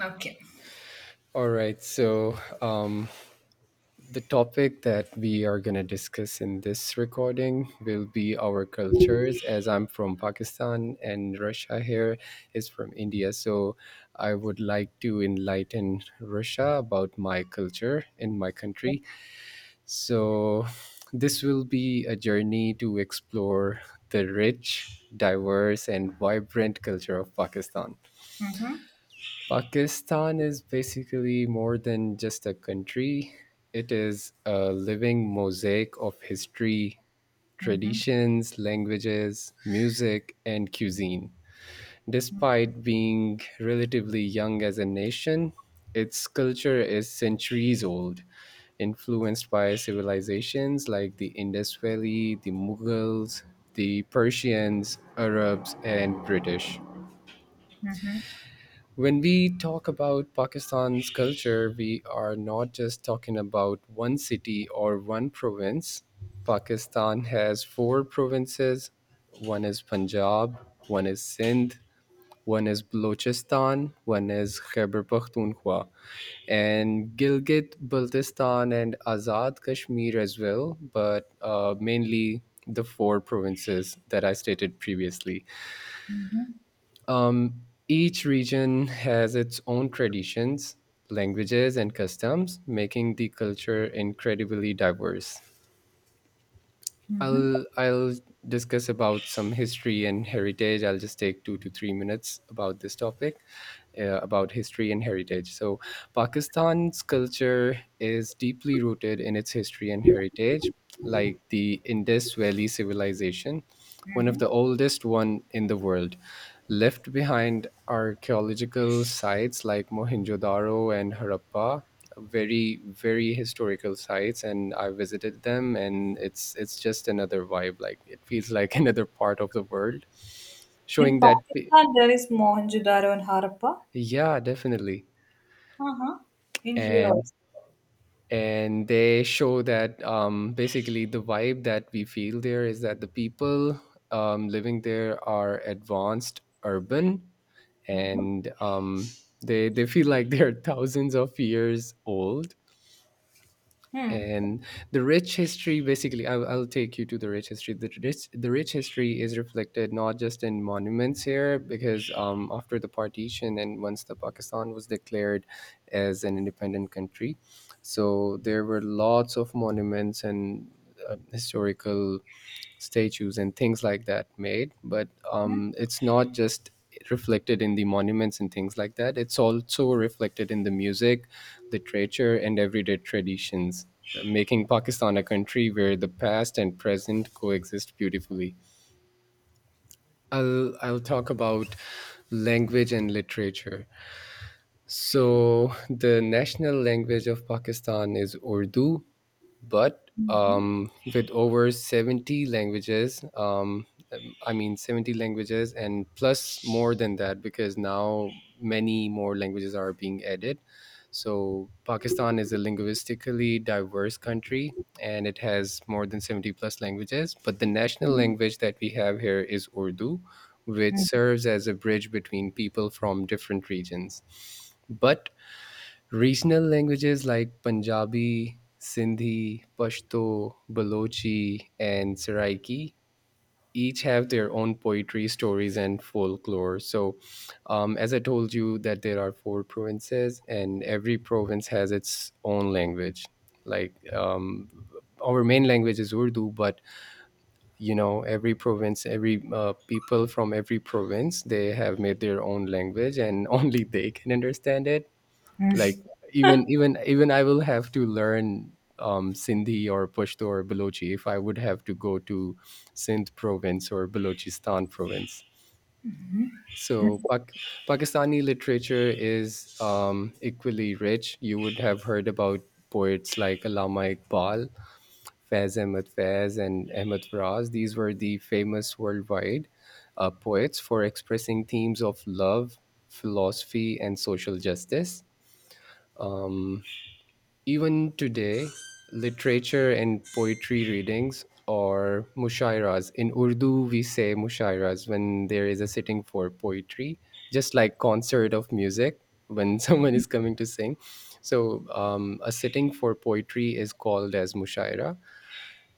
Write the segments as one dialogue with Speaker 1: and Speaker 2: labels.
Speaker 1: Okay.
Speaker 2: All right, so the topic that we are going to discuss in this recording will be our cultures, as I'm from Pakistan and Russia here is from India. So I would like to enlighten Russia about my culture in my country. So this will be a journey to explore the rich, diverse, and vibrant culture of Pakistan.
Speaker 1: Mhm,
Speaker 2: Pakistan is basically more than just a country. It is a living mosaic of history,
Speaker 1: mhm,
Speaker 2: traditions, languages, music, and cuisine.
Speaker 1: mhm,
Speaker 2: Despite being relatively young as a nation, its culture is centuries old, influenced by civilizations like the Indus Valley, the Mughals, the Persians, Arabs, and British.
Speaker 1: mhm,
Speaker 2: When we talk about Pakistan's culture, we are not just talking about one city or one province. Pakistan has four provinces, one is Punjab, one is Sindh, one is Balochistan, one is Khyber Pakhtunkhwa, and Gilgit Baltistan and Azad Kashmir as well, but mainly the four provinces that I stated previously.
Speaker 1: mhm,
Speaker 2: Um, each region has its own traditions, languages, and customs, making the culture incredibly diverse.
Speaker 1: mhm,
Speaker 2: I'll discuss about some history and heritage. I'll just take 2 to 3 minutes about this topic, about history and heritage. So, Pakistan's culture is deeply rooted in its history and heritage, like the Indus Valley civilization, one of
Speaker 1: mhm.
Speaker 2: the oldest one in the world, left behind archaeological sites like Mohenjo-daro and Harappa, very historical sites, and I visited them and it's just another vibe, like it feels like another part of the world,
Speaker 1: In
Speaker 2: showing that
Speaker 1: Pakistan, there is Mohenjo-daro and Harappa.
Speaker 2: yeah, definitely.
Speaker 1: Uh-huh. In here
Speaker 2: and
Speaker 1: also.
Speaker 2: and they show that basically the vibe that we feel there is that the people, living there, are advanced urban
Speaker 1: Mm-hmm.
Speaker 2: and they feel like they're thousands of years old.
Speaker 1: Mm-hmm.
Speaker 2: And the rich history, basically, I'll take you to the rich history. The rich history is reflected not just in monuments here, because after the partition and once the Pakistan was declared as an independent country, so there were lots of monuments and historical statues and things like that made, but it's not just reflected in the monuments and things like that, it's also reflected in the music, literature, and everyday traditions, making Pakistan a country where the past and present coexist beautifully. I'll talk about language and literature. So the national language of Pakistan is Urdu, but with over 70 languages, I mean 70 languages and plus more than that, because now many more languages are being added. So Pakistan is a linguistically diverse country and it has more than 70 plus languages, but the national language that we have here is Urdu, which serves as a bridge between people from different regions. But regional languages like Punjabi, Sindhi, Pashto, Balochi, and Saraiki each have their own poetry, stories, and folklore. So, as I told you, that there are four provinces, and every province has its own language. Like our main language is Urdu, but you know, every province, every people from every province, they have made their own language, and only they can understand it, like even I will have to learn Sindhi or Pashto or Balochi if I would have to go to Sindh province or Balochistan province. So
Speaker 1: Mm-hmm.
Speaker 2: Pakistani literature is equally rich. You would have heard about poets like Allama Iqbal, Faiz Ahmad Faiz, and Ahmad Raz. These were the famous worldwide poets for expressing themes of love, philosophy, and social justice. Um, Even today, literature and poetry readings, or mushairas. In Urdu, we say mushairas when there is a sitting for poetry, just like concert of music when someone is coming to sing. So a sitting for poetry is called as mushaira.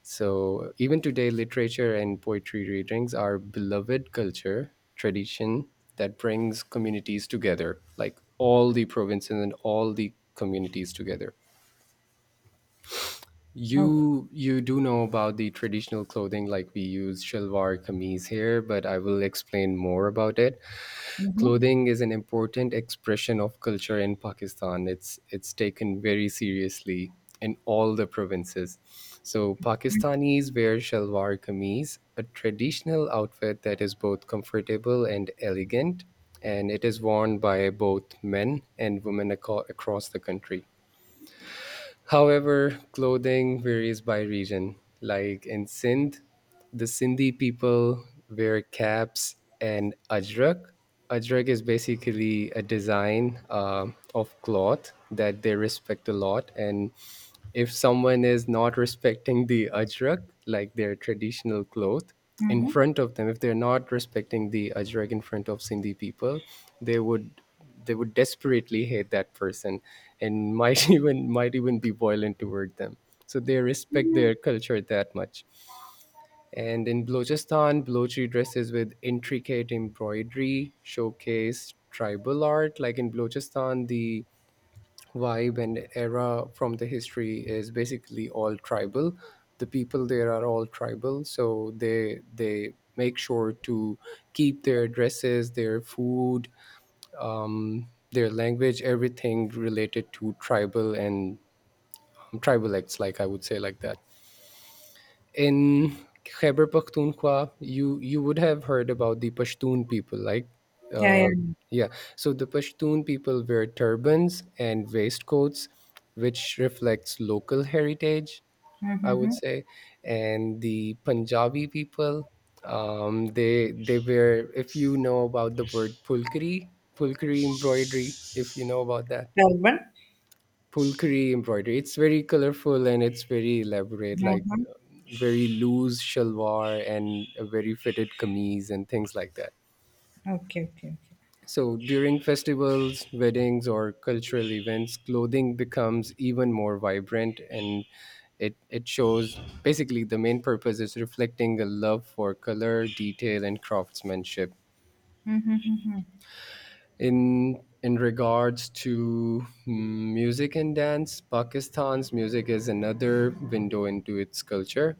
Speaker 2: So even today, literature and poetry readings are beloved culture tradition that brings communities together, like all the provinces and all the communities together.
Speaker 1: Oh.
Speaker 2: You do know about the traditional clothing, like we use shalwar kameez here, but I will explain more about it.
Speaker 1: Mm-hmm.
Speaker 2: Clothing is an important expression of culture in Pakistan. It's taken very seriously in all the provinces. So Pakistanis wear shalwar kameez, a traditional outfit that is both comfortable and elegant, and it is worn by both men and women across the country. However, clothing varies by region. Like in Sindh, the Sindhi people wear caps and ajrak. Ajrak is basically a design of cloth that they respect a lot. And if someone is not respecting the ajrak, like their traditional cloth, in
Speaker 1: Mm-hmm.
Speaker 2: front of them, if they're not respecting the ajrak in front of Sindhi people, they would they would desperately hate that person, and might even be violent toward them. So they respect their culture that much. And in Balochistan, Balochi dresses with intricate embroidery showcase tribal art. Like in Balochistan, the vibe and era from the history is basically all tribal. The people there are all tribal, so they make sure to keep their dresses, their food, their language, everything related to tribal and tribal acts, like I would say, like that. In Khyber Pakhtunkhwa, you would have heard about the Pashtun people, like
Speaker 1: Yeah, yeah.
Speaker 2: uh, yeah. So the Pashtun people wear turbans and waistcoats, which reflects local heritage, I would
Speaker 1: Mm-hmm.
Speaker 2: say. And the Punjabi people, they wear. If you know about the word pulkari, pulkari embroidery, if you know about that,
Speaker 1: Durban.
Speaker 2: pulkari embroidery, it's very colorful and it's very elaborate, like
Speaker 1: Mm-hmm.
Speaker 2: very loose shalwar and a very fitted kameez and things like that.
Speaker 1: Okay, okay, okay.
Speaker 2: So during festivals, weddings, or cultural events, clothing becomes even more vibrant, and it shows, basically the main purpose is reflecting a love for color, detail, and craftsmanship.
Speaker 1: Mm-hmm. Mm-hmm.
Speaker 2: In regards to music and dance, Pakistan's music is another window into its culture.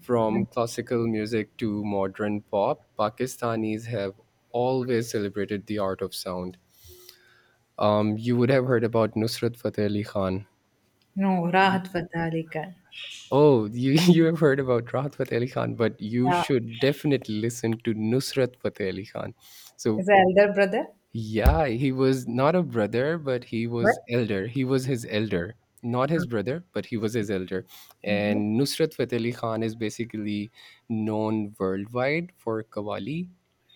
Speaker 2: From classical music to modern pop, Pakistanis have always celebrated the art of sound. You would have heard about Nusrat Fateh Ali Khan.
Speaker 1: No, Rahat Fateh Ali Khan.
Speaker 2: Oh, you you have heard about Rahat Fateh Ali Khan, but you
Speaker 1: Yeah.
Speaker 2: should definitely listen to Nusrat Fateh Ali Khan. So
Speaker 1: Is the elder brother?
Speaker 2: yeah, he was not a brother, but he
Speaker 1: What?
Speaker 2: was elder. He was his elder, not his brother, but he was his elder.
Speaker 1: Mm-hmm.
Speaker 2: And Nusrat Fateh Ali Khan is basically known worldwide for Qawwali,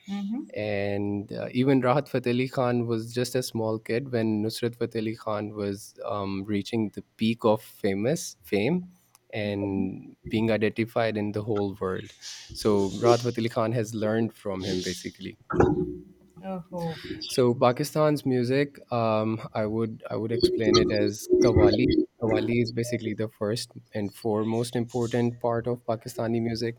Speaker 1: Mm-hmm.
Speaker 2: and even Rahat Fateh Ali Khan was just a small kid when Nusrat Fateh Ali Khan was reaching the peak of famous fame
Speaker 1: Mm-hmm.
Speaker 2: and being identified in the whole world. So Rahat Fateh Ali Khan has learned from him basically.
Speaker 1: Oh.
Speaker 2: So Pakistan's music, I would explain it as Qawwali. Qawwali is basically the first and foremost important part of Pakistani music,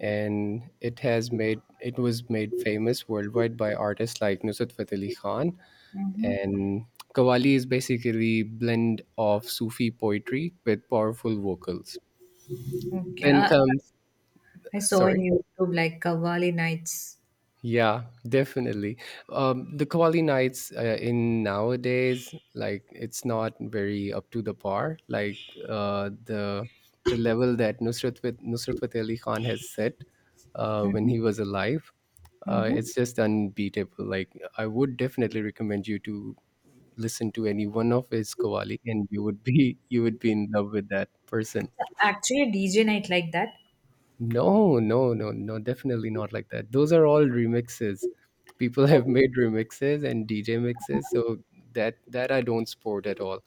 Speaker 2: and it was made famous worldwide by artists like Nusrat Fateh Ali Khan.
Speaker 1: Mm-hmm.
Speaker 2: And Qawwali is basically blend of Sufi poetry with powerful vocals. Then
Speaker 1: Okay.
Speaker 2: comes,
Speaker 1: I saw in
Speaker 2: sorry,
Speaker 1: YouTube like Kavali nights.
Speaker 2: yeah, definitely. The Kawali Nights, in nowadays, like it's not very up to the par. Like uh, the the level that Nusrat with Nusrat Fateh Ali Khan has set, when
Speaker 1: Mm-hmm.
Speaker 2: he was alive,
Speaker 1: Mm-hmm.
Speaker 2: it's just unbeatable. Like I would definitely recommend you to listen to any one of his Kawali, and you would be you would be in love with that person.
Speaker 1: Actually, a DJ night like that.
Speaker 2: No, no, no, no, definitely not like that. Those are all remixes. People have made remixes and DJ mixes, so that I don't support at all.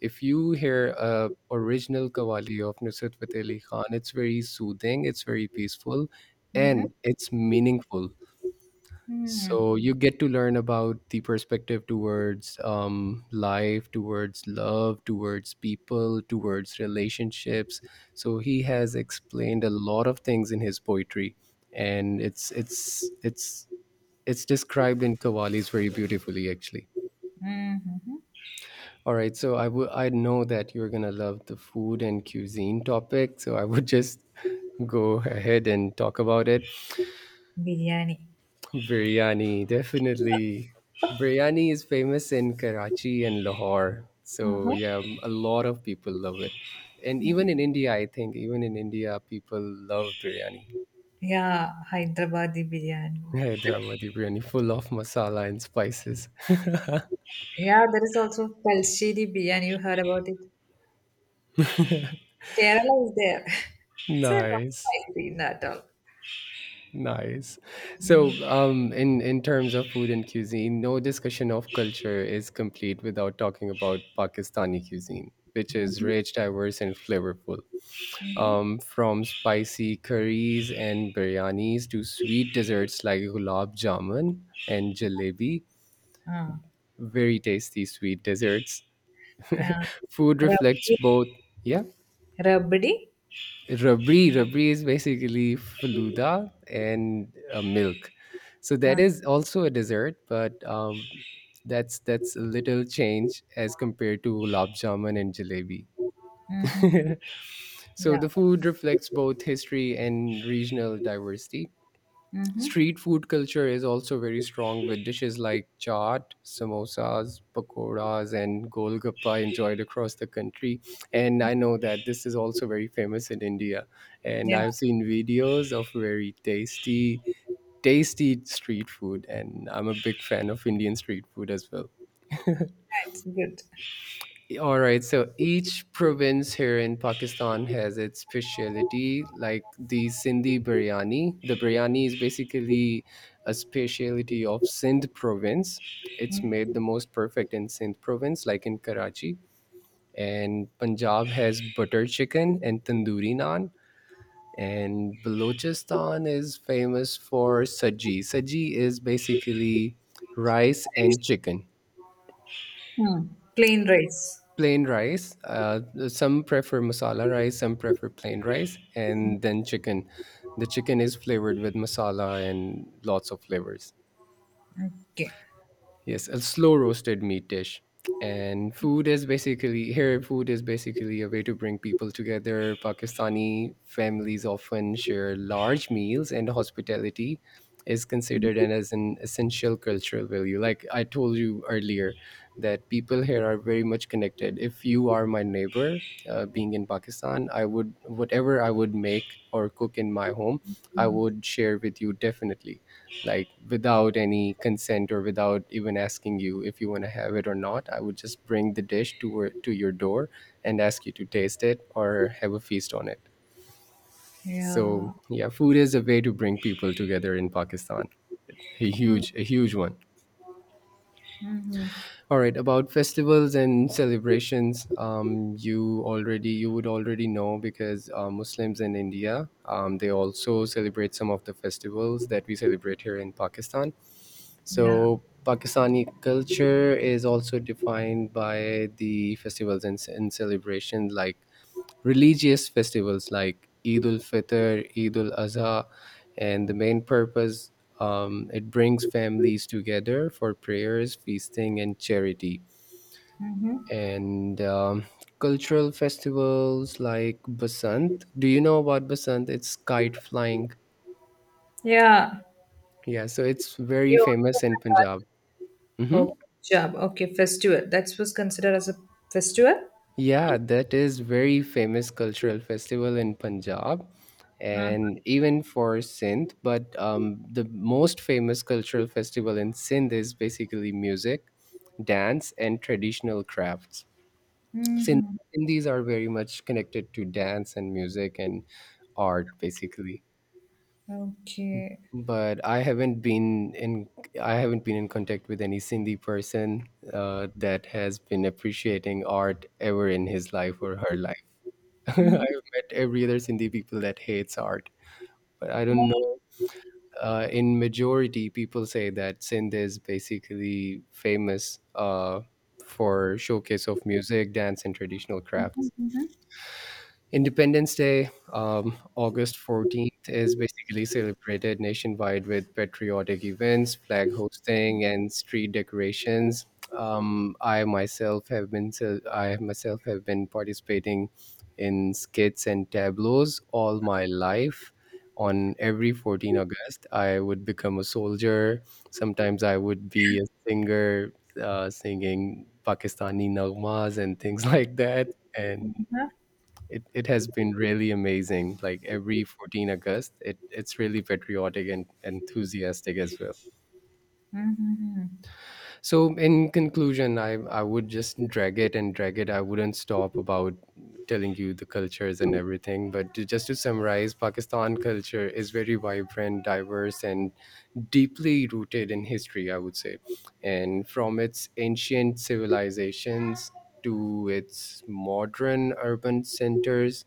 Speaker 2: If you hear a original Qawwali of Nusrat Fateh Ali Khan, it's very soothing, it's very peaceful,
Speaker 1: Mm-hmm.
Speaker 2: and it's meaningful.
Speaker 1: Mm-hmm.
Speaker 2: So you get to learn about the perspective towards life, towards love, towards people, towards relationships. So he has explained a lot of things in his poetry, and it's described in Kavali's very beautifully, actually.
Speaker 1: Mm-hmm.
Speaker 2: All right, so I know that you're gonna love the food and cuisine topic, so I would just go ahead and talk about it.
Speaker 1: Biryani.
Speaker 2: Biryani, definitely. Biryani is famous in Karachi and Lahore. So,
Speaker 1: Uh-huh.
Speaker 2: yeah, a lot of people love it. And even in India, I think, even in India, people love biryani.
Speaker 1: Yeah, Hyderabadi biryani.
Speaker 2: Hyderabadi biryani, full of masala and spices.
Speaker 1: Yeah, there is also Talsheri biryani. You heard about it? Kerala is there. It's not
Speaker 2: Nice.
Speaker 1: spicy at all.
Speaker 2: Nice. So, in terms of food and cuisine, no discussion of culture is complete without talking about Pakistani cuisine, which is
Speaker 1: Mm-hmm.
Speaker 2: rich, diverse, and flavorful.
Speaker 1: Mm-hmm.
Speaker 2: From spicy curries and biryanis to sweet desserts like gulab jamun and jalebi.
Speaker 1: Ah.
Speaker 2: Very tasty sweet desserts.
Speaker 1: Yeah.
Speaker 2: Food reflects
Speaker 1: Rabdi.
Speaker 2: both, yeah.
Speaker 1: Rabdi.
Speaker 2: Rabri, rabri is basically faluda and milk. So that
Speaker 1: Uh,
Speaker 2: is also a dessert, but that's a little change as compared to gulab jamun and jalebi.
Speaker 1: mm-hmm.
Speaker 2: so
Speaker 1: Yeah.
Speaker 2: the food reflects both history and regional diversity.
Speaker 1: Mm-hmm.
Speaker 2: Street food culture is also very strong with dishes like chaat, samosas, pakoras, and golgappa enjoyed across the country. And I know that this is also very famous in India. And
Speaker 1: Yeah,
Speaker 2: I've seen videos of very tasty street food. And I'm a big fan of Indian street food as well.
Speaker 1: it's good.
Speaker 2: All right, so each province here in Pakistan has its specialty, like the Sindhi biryani. The biryani is basically a specialty of Sindh province. It's made the most perfect in Sindh province, like in Karachi. And Punjab has butter chicken and tandoori naan. And Balochistan is famous for saji. Saji is basically rice and chicken,
Speaker 1: Hmm. Plain rice.
Speaker 2: plain rice. Some prefer masala rice, some prefer plain rice, and then chicken. The chicken is flavored with masala and lots of flavors.
Speaker 1: Okay.
Speaker 2: Yes, a slow roasted meat dish. And food is basically a way to bring people together. Pakistani families often share large meals, and hospitality is considered and as an essential cultural value. Like I told you earlier, that people here are very much connected. If you are my neighbor, being in Pakistan, I would, whatever I would make or cook in my home, I
Speaker 1: Hmm.
Speaker 2: would share with you definitely, like without any consent or without even asking you if you want to have it or not. I would just bring the dish to to your door and ask you to taste it or have a feast on it. So
Speaker 1: Yeah.
Speaker 2: yeah, food is a way to bring people together in Pakistan. A huge one.
Speaker 1: Mm-hmm.
Speaker 2: All right, about festivals and celebrations, you would already know because Muslims in India, they also celebrate some of the festivals that we celebrate here in Pakistan.
Speaker 1: Yeah.
Speaker 2: So Pakistani culture is also defined by the festivals and celebrations like religious festivals like Eid ul Fitr, Eid ul Azha, and the main purpose, it brings families together for prayers, feasting, and charity.
Speaker 1: Mm-hmm.
Speaker 2: And cultural festivals like Basant. Do you know about Basant? It's kite flying.
Speaker 1: Yeah.
Speaker 2: Yeah, so it's very
Speaker 1: You
Speaker 2: famous
Speaker 1: also
Speaker 2: in
Speaker 1: had that.
Speaker 2: Punjab.
Speaker 1: Oh,
Speaker 2: Mhm.
Speaker 1: job. Okay, festival. That was considered as a festival.
Speaker 2: Yeah, that is very famous cultural festival in Punjab and even for Sindh. But the most famous cultural festival in Sindh is basically music, dance, and traditional crafts. Sindh-
Speaker 1: Mm-hmm.
Speaker 2: Sindhis are very much connected to dance and music and art, basically.
Speaker 1: Okay.
Speaker 2: But I haven't been in contact with any Sindhi person that has been appreciating art ever in his life or her life.
Speaker 1: Mm-hmm.
Speaker 2: I've met every other Sindhi people that hates art, but I don't know. In majority, people say that Sindh is basically famous for showcase of music, dance, and traditional crafts.
Speaker 1: Mm-hmm.
Speaker 2: Independence Day, August 14th, is basically celebrated nationwide with patriotic events, flag hosting, and street decorations. I myself have been participating in skits and tableaus all my life. On every 14th August, I would become a soldier. Sometimes I would be a singer, singing Pakistani nagmas and things like that. And
Speaker 1: Mm-hmm.
Speaker 2: it has been really amazing. Like every 14th August, it's really patriotic and enthusiastic as well.
Speaker 1: Mm-hmm.
Speaker 2: So in conclusion, I would just drag it and drag it. I wouldn't stop about telling you the cultures and everything. But just to summarize, Pakistan culture is very vibrant, diverse, and deeply rooted in history, I would say. And from its ancient civilizations to its modern urban centers,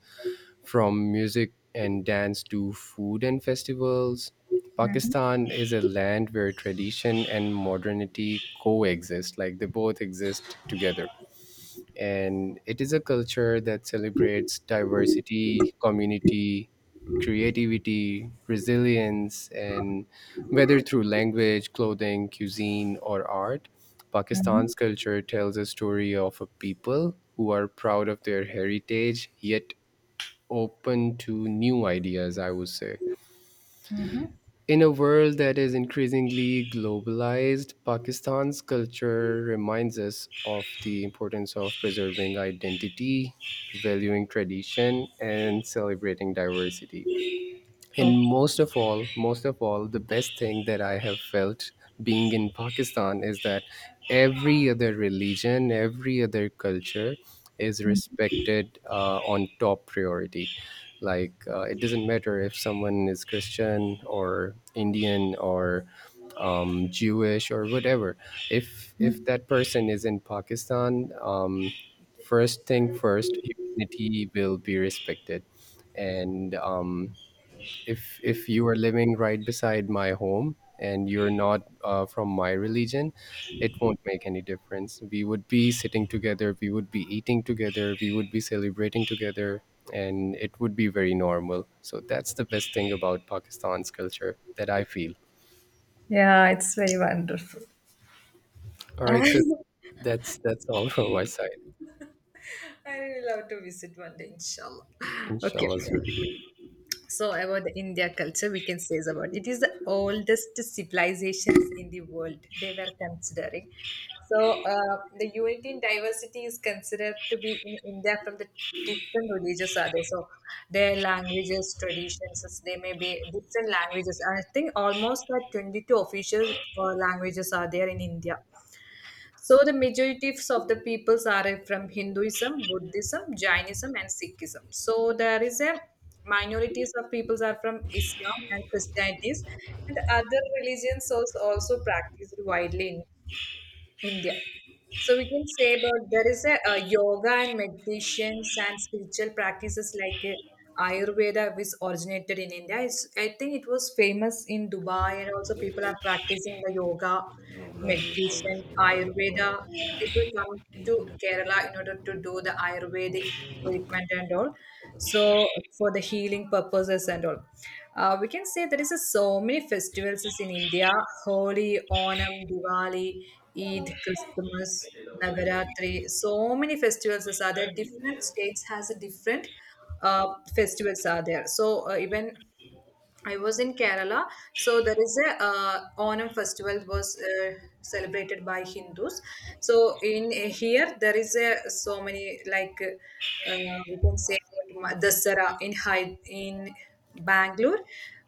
Speaker 2: from music and dance to food and festivals, Pakistan is a land where tradition and modernity coexist, like they both exist together. And it is a culture that celebrates diversity, community, creativity, resilience, and whether through language, clothing, cuisine, or art, Pakistan's culture tells a story of a people who are proud of their heritage yet open to new ideas, I would say.
Speaker 1: Mm-hmm.
Speaker 2: In a world that is increasingly globalized, Pakistan's culture reminds us of the importance of preserving identity, valuing tradition, and celebrating diversity. And
Speaker 1: Okay.
Speaker 2: most of all, the best thing that I have felt being in Pakistan is that every other religion, every other culture is respected on top priority. It doesn't matter if someone is Christian or Indian or Jewish or whatever. If that person is in Pakistan, first thing first, humanity will be respected. And if you are living right beside my home and you're not from my religion, it won't make any difference. We would be sitting together, we would be eating together, we would be celebrating together, and it would be very normal. So that's the best thing about Pakistan's culture that I feel.
Speaker 1: Yeah, it's very wonderful.
Speaker 2: All right, so that's all from my side.
Speaker 1: I really love to visit one day, inshallah. Okay.
Speaker 2: Inshallah, sir.
Speaker 1: So about the India culture, we can say is about it is the oldest civilizations in the world. They were considering. So the unity in diversity is considered to be in India from the different religions are there. So their languages, traditions, as they may be different languages. I think almost like 22 official languages are there in India. So the majorities of the peoples are from Hinduism, Buddhism, Jainism, and Sikhism. So there is a minorities of peoples are from Islam and Christianities, and other religions also practiced widely in India. So we can say about there is a, yoga and meditations and spiritual practices like Ayurveda, which originated in India. It's, I think it was famous in Dubai, and also people are practicing the yoga, meditation, Ayurveda. The people come to Kerala in order to do the Ayurvedic treatment and all, so for the healing purposes and all. We can say there is a, so many festivals is in India: Holi, Onam, Diwali, Eid, Christmas, Navaratri. So many festivals is are there, different states has a different uh, festivals are there. So even I was in Kerala, so there is a Onam festival was celebrated by Hindus. So in here there is a so many like we can say about Dasara in Bangalore.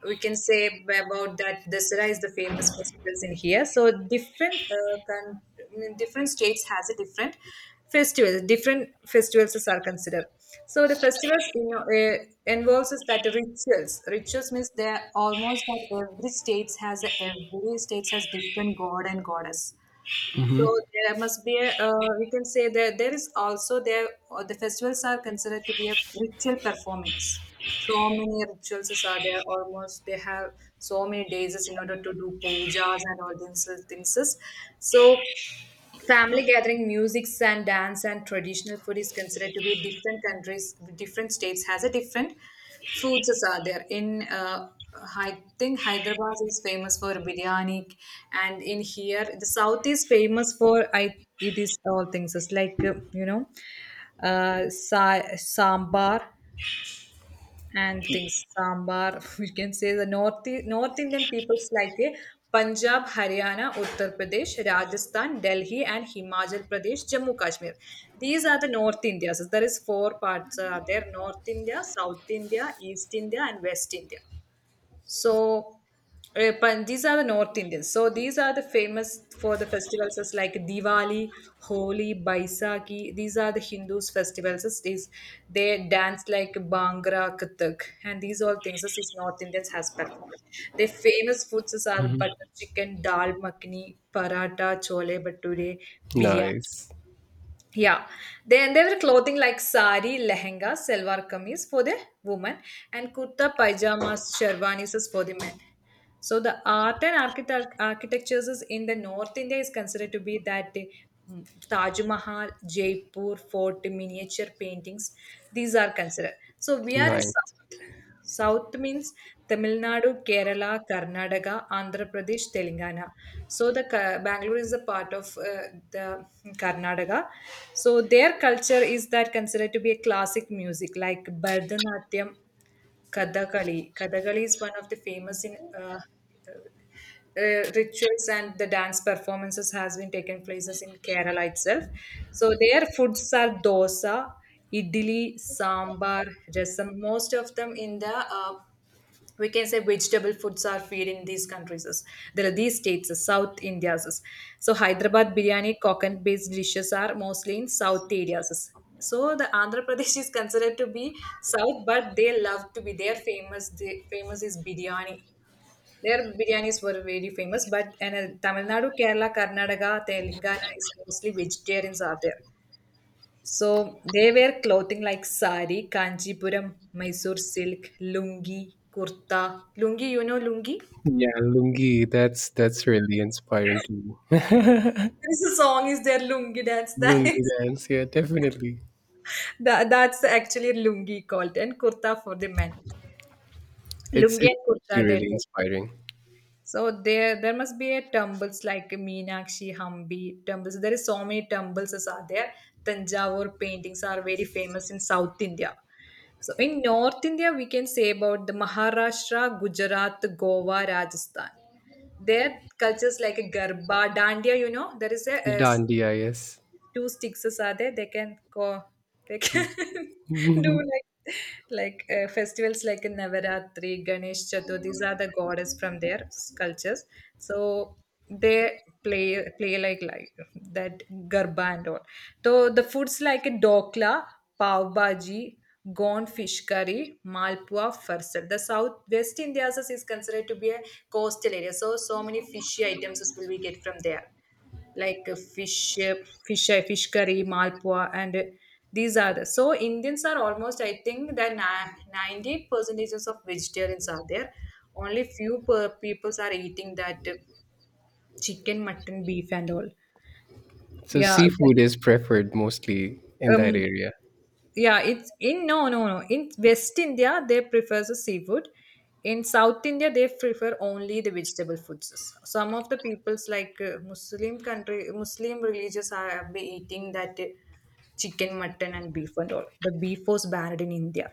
Speaker 1: We can say about that Dasara is the famous festivals in here. So different different states has a different festivals. Different festivals are considered. So the festivals, you know, involves is that rituals. Rituals means they're almost that every states has different god and goddess. So
Speaker 2: Hmm.
Speaker 1: there must be a we can say that there is also there the festivals are considered to be a ritual performance. So many rituals is are there, almost they have so many days is in order to do pujas and all these things. Is. So family gathering, musics and dance and traditional food is considered to be different countries, different states has a different foods as are there. In I think Hyderabad is famous for biryani, and in here the south is famous for I. It is all things it's like you know, sambar and things sambar. We can say the north indian peoples like a Punjab, Haryana, Uttar Pradesh, Rajasthan, Delhi, and Himachal Pradesh, Jammu Kashmir. These are the north indias. There is four parts are there: north India, south India, east India, and west India. So, these are the North Indians. So, these are the famous for the festivals as like Diwali, Holi, Baisakhi. These are the Hindus' festivals. As these, they dance like Bhangra, Kathak, and these all things as these North Indians has performed. Their famous foods as are
Speaker 2: Hmm.
Speaker 1: butter chicken, dal makhani, paratha, chole bhature, biryani.
Speaker 2: Nice.
Speaker 1: Yeah, then they were clothing like sari, lehenga, selwar kameez for the women, and kurta, pajamas, sherwanis is for the men. So the art and architectures is in the North India is considered to be that the mm, Taj Mahal, Jaipur fort, miniature paintings. These are considered. So we are in South.
Speaker 2: Nice.
Speaker 1: South means Tamil Nadu, Kerala, Karnataka, Andhra Pradesh, Telangana. So the Bangalore is a part of the Karnataka. So their culture is that considered to be a classic music like Bharatanatyam, Kathakali. Kathakali is one of the famous in uh, rituals and the dance performances has been taken places in Kerala itself. So their foods are dosa, idli, sambar, rasam. Most of them in the we can say vegetable foods are feed in these countries is- there are these states is south India's is. So Hyderabad biryani, coconut based dishes are mostly in south areas is. So the Andhra Pradesh is considered to be south, but they love to be their famous famous is biryani, their biryanis were very famous. But and Tamil Nadu, Kerala, Karnataka, Telangana is mostly vegetarians are there. So they wear clothing like sari, kanchipuram, Mysore silk, lungi, kurta. Lungi, you know Lungi?
Speaker 2: Yeah, lungi, that's really inspiring to me.
Speaker 1: There's a song is there lungi dance. That is,
Speaker 2: Lungi dance. Yeah, definitely.
Speaker 1: that, that's actually lungi called and kurta for the men.
Speaker 2: It's
Speaker 1: Lungi
Speaker 2: it's
Speaker 1: and
Speaker 2: actually
Speaker 1: kurta they
Speaker 2: really
Speaker 1: do.
Speaker 2: inspiring.
Speaker 1: So there must be a temples like Meenakshi, Hampi temples. There is so many temples are there. Tanjavur paintings are very famous in South India. So in North India, we can say about the Maharashtra, Gujarat, Goa, Rajasthan. Their cultures like a Garba, Dandiya, you know, there is a,
Speaker 2: Dandiya, yes.
Speaker 1: two sticks are there, they can go, they can do like festivals like in Navaratri, Ganesh Chaturthi, these are the goddess from their cultures. So they play like that garba and all. So the foods like dokla, pav bhaji, gone fish curry, malpua, farsal. The South West India also is considered to be a coastal area, so so many fishy items will we get from there like fish curry, malpua, and these are the so Indians are almost, I think that 90 percentages of vegetarians are there, only few per peoples are eating that chicken, mutton, beef, and all.
Speaker 2: So
Speaker 1: Yeah.
Speaker 2: seafood is preferred mostly in that
Speaker 1: Um,
Speaker 2: area.
Speaker 1: yeah, it's in no, no, no, in west India they prefer the seafood, in south India they prefer only the vegetable foods. Some of the peoples like muslim religious are be eating that chicken, mutton, and beef, and all. The beef was banned in India,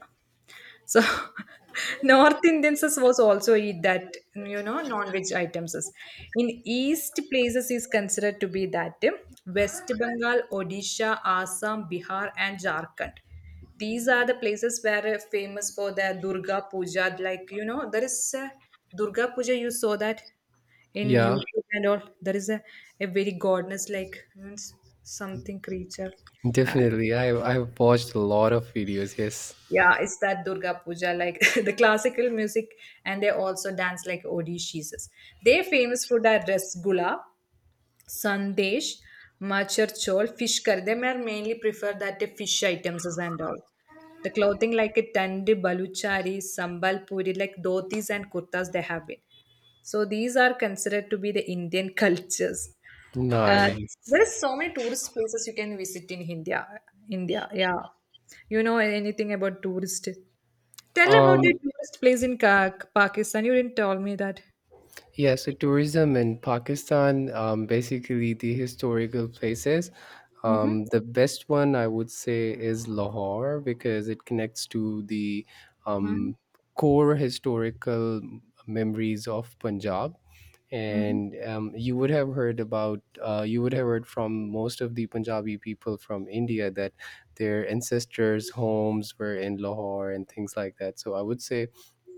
Speaker 1: so North Indians is was also eat that, you know, non-veg items. Is. In East places is considered to be that West Bengal, Odisha, Assam, Bihar, and Jharkhand. These are the places where famous for their Durga Puja. Like, you know, there is a Durga Puja. You saw that in
Speaker 2: Yeah,
Speaker 1: YouTube and all. There is a very goddess like, means something creature.
Speaker 2: definitely. I've watched a lot of videos. Yes.
Speaker 1: Yeah, it's that Durga Puja, like the classical music, and they also dance like Odishes. Their famous food are rasgulla, sandesh, machar chol, fish curry. They may mainly prefer that the fish items is and all. The clothing like a tandi, baluchari, sambalpuri, like dhotis and kurtas they have been. So these are considered to be the Indian cultures. Uh,
Speaker 2: Nice.
Speaker 1: there is so many tourist places you can visit in India. India, yeah. You know anything about tourist? Tell about the
Speaker 2: Um,
Speaker 1: tourist place in Pakistan. You didn't tell me that.
Speaker 2: Yeah, so tourism in Pakistan, basically the historical places.
Speaker 1: Mm-hmm.
Speaker 2: The best one I would say is Lahore because it connects to the
Speaker 1: Mm-hmm.
Speaker 2: um, core historical memories of Punjab.
Speaker 1: Mm-hmm.
Speaker 2: And you would have heard about, you would have heard from most of the Punjabi people from India that their ancestors' homes were in Lahore and things like that. So I would say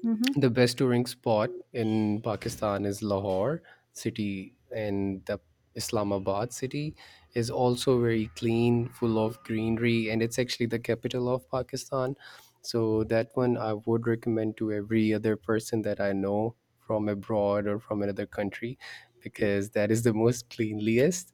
Speaker 1: Mm-hmm.
Speaker 2: the best touring spot in Pakistan is Lahore city, and the Islamabad city is also very clean, full of greenery, and it's actually the capital of Pakistan. So that one I would recommend to every other person that I know from abroad or from another country because that is the most cleanliest.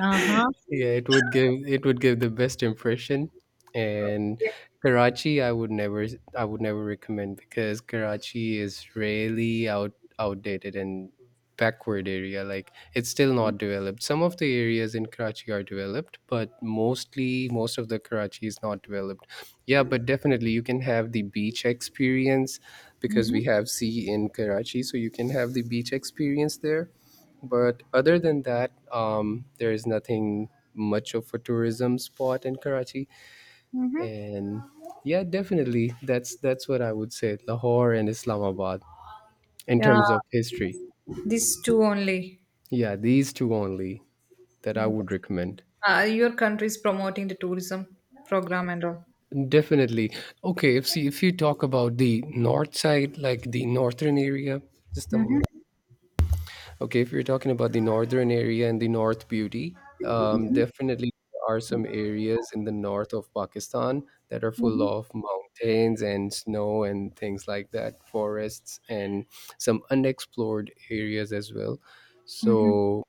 Speaker 1: Uh-huh.
Speaker 2: Yeah, it would give, it would give the best impression. And
Speaker 1: Okay.
Speaker 2: Karachi, I would never recommend because Karachi is really outdated and backward area. Like, it's still not developed. Some of the areas in Karachi are developed, but mostly most of the Karachi is not developed. Yeah, but definitely you can have the beach experience because
Speaker 1: Mm-hmm.
Speaker 2: we have sea in Karachi, so you can have the beach experience there. But other than that, there is nothing much of a tourism spot in Karachi.
Speaker 1: Mm-hmm.
Speaker 2: And yeah, definitely, that's what I would say. Lahore and Islamabad in
Speaker 1: Yeah,
Speaker 2: terms of history.
Speaker 1: these two only.
Speaker 2: Yeah, these two only that I
Speaker 1: Okay.
Speaker 2: would recommend.
Speaker 1: Your country is promoting the tourism program and all.
Speaker 2: Definitely. Okay, if you talk about the north side, like the northern area, just a moment.
Speaker 1: Mm-hmm.
Speaker 2: Okay, if you're talking about the northern area and the North Beauty, definitely there are some areas in the north of Pakistan that are full of mountains and snow and things like that, forests and some unexplored areas as well.
Speaker 1: Mm-hmm.
Speaker 2: So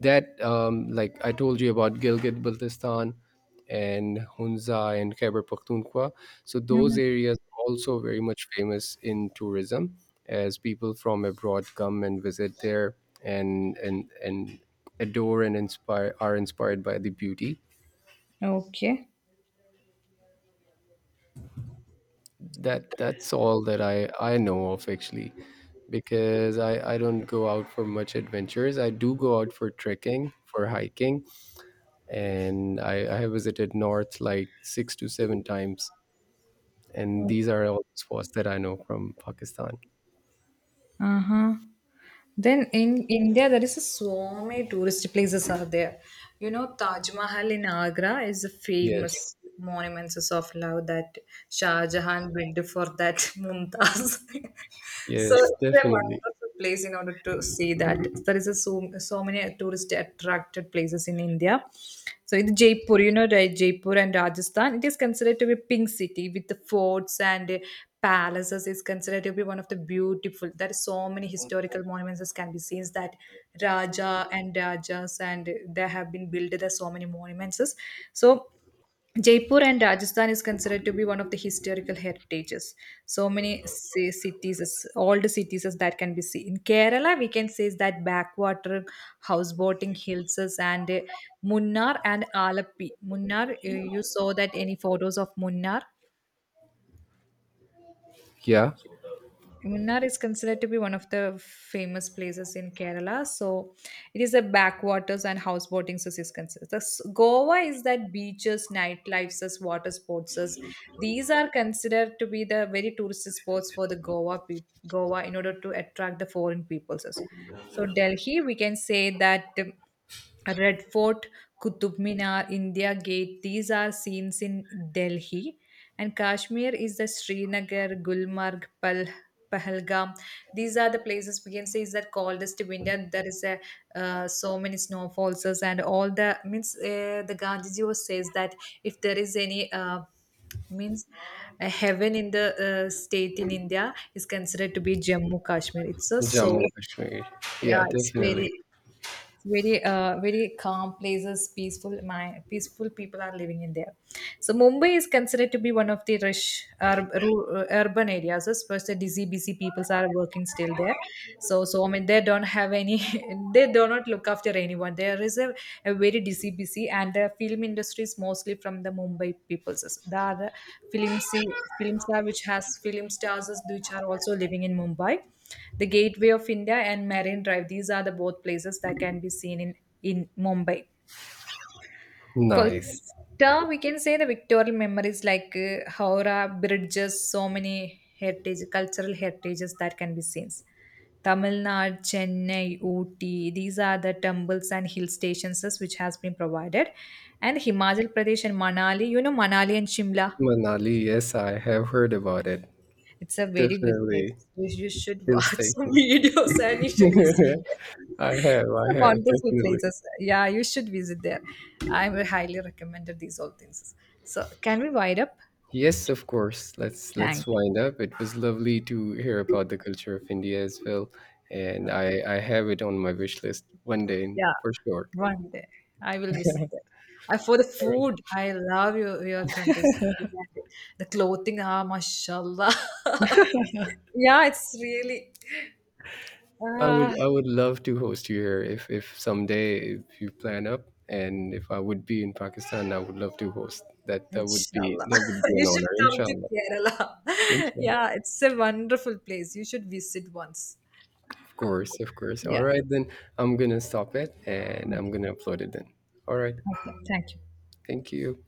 Speaker 2: that, like I told you about Gilgit-Baltistan, and Hunza and Khyber Pakhtunkhwa. So those
Speaker 1: Mm-hmm.
Speaker 2: areas are also very much famous in tourism, as people from abroad come and visit there and adore and inspired by the beauty.
Speaker 1: Okay.
Speaker 2: That's all that I know of actually because I don't go out for much adventures. I do go out for trekking, for hiking, and I have visited north like six to seven times. And these are all the sports that I know from Pakistan.
Speaker 1: Uh-huh. Then in India, there is a so many tourist places are there. You know, Taj Mahal in Agra is a
Speaker 2: Yes,
Speaker 1: famous monuments of love that Shah Jahan built for that Mumtaz. So
Speaker 2: yes,
Speaker 1: it's a
Speaker 2: definitely.
Speaker 1: wonderful place in order to see that. There is a so, so many tourist attracted places in India. So in Jaipur, you know, right, Jaipur and Rajasthan, it is considered to be a pink city with the forts and palaces is considered to be one of the beautiful. There are so many historical monuments that can be seen, that raja and rajas and there have been built, there are so many monuments. So Jaipur and Rajasthan is considered to be one of the historical heritages. So many cities, old cities is that can be seen. In Kerala, we can say is that backwater, houseboating, hills is, and Munnar and Alappi. Munnar, you saw that any photos of Munnar?
Speaker 2: Yeah,
Speaker 1: Munnar is considered to be one of the famous places in Kerala. So it is a backwaters and houseboating so is considered. The Goa is that beaches, nightlifes, as water sports. As, these are considered to be the very tourist spots for the Goa peop Goa in order to attract the foreign peoples. As. So Delhi, we can say that Red Fort, Qutub Minar, India Gate, these are scenes in Delhi. And Kashmir is the Srinagar, Gulmarg, Pahalgam. These are the places we can say is that coldest to winter. There is a so many snowfalls and all. The means the Gandhiji was says that if there is any means a heaven in the state in India is considered to be Jammu Kashmir. It's a so
Speaker 2: Jammu Kashmir. Yeah,
Speaker 1: yeah, it's
Speaker 2: definitely.
Speaker 1: very, it's very very calm places, peaceful. My peaceful people are living in there. So Mumbai is considered to be one of the rich urban areas, especially busy busy peoples are working still there. So so I mean they don't have any, they do not look after anyone. There is a very busy busy, and the film industry is mostly from the Mumbai peoples. There are the film see, film star which has film stars which are also living in Mumbai. The Gateway of India and Marine Drive. These are the both places that can be seen in Mumbai.
Speaker 2: Nice.
Speaker 1: Kolkata, we can say the Victorian memories like Howrah bridges, so many heritage, cultural heritages that can be seen. Tamil Nadu, Chennai, Ooty, these are the temples and hill stations which has been provided. And Himachal Pradesh and Manali, you know Manali and Shimla.
Speaker 2: Manali, yes, I have heard about it.
Speaker 1: It's a very good place.
Speaker 2: Definitely.
Speaker 1: You should
Speaker 2: Hill
Speaker 1: watch some
Speaker 2: station.
Speaker 1: videos and you should visit there. It's a wonderful
Speaker 2: Definitely.
Speaker 1: places. Yeah, you should visit there. I will highly recommend these all things. So can we wind up?
Speaker 2: Yes, of course. Let's
Speaker 1: Thank
Speaker 2: wind
Speaker 1: you.
Speaker 2: up. It was lovely to hear about the culture of India as well, and
Speaker 1: Okay.
Speaker 2: I have it on my wish list one day
Speaker 1: Yeah,
Speaker 2: for sure.
Speaker 1: one day I will visit there. I, for the
Speaker 2: All right.
Speaker 1: food, I love your countries. The clothing, ah, mashallah. Yeah, it's really.
Speaker 2: I would
Speaker 1: Ah.
Speaker 2: I would love to host you here if someday if you plan up and if I would be in Pakistan, I would love to host. That would be
Speaker 1: Inshallah.
Speaker 2: that would be an
Speaker 1: You should
Speaker 2: honor,
Speaker 1: come to
Speaker 2: inshallah.
Speaker 1: Kerala.
Speaker 2: Inshallah.
Speaker 1: Yeah, it's a wonderful place. You should visit once.
Speaker 2: Of course, of course. All
Speaker 1: Yeah.
Speaker 2: right then. I'm gonna stop it and I'm
Speaker 1: Okay.
Speaker 2: gonna upload it then. All right.
Speaker 1: Okay. Thank you.
Speaker 2: Thank you.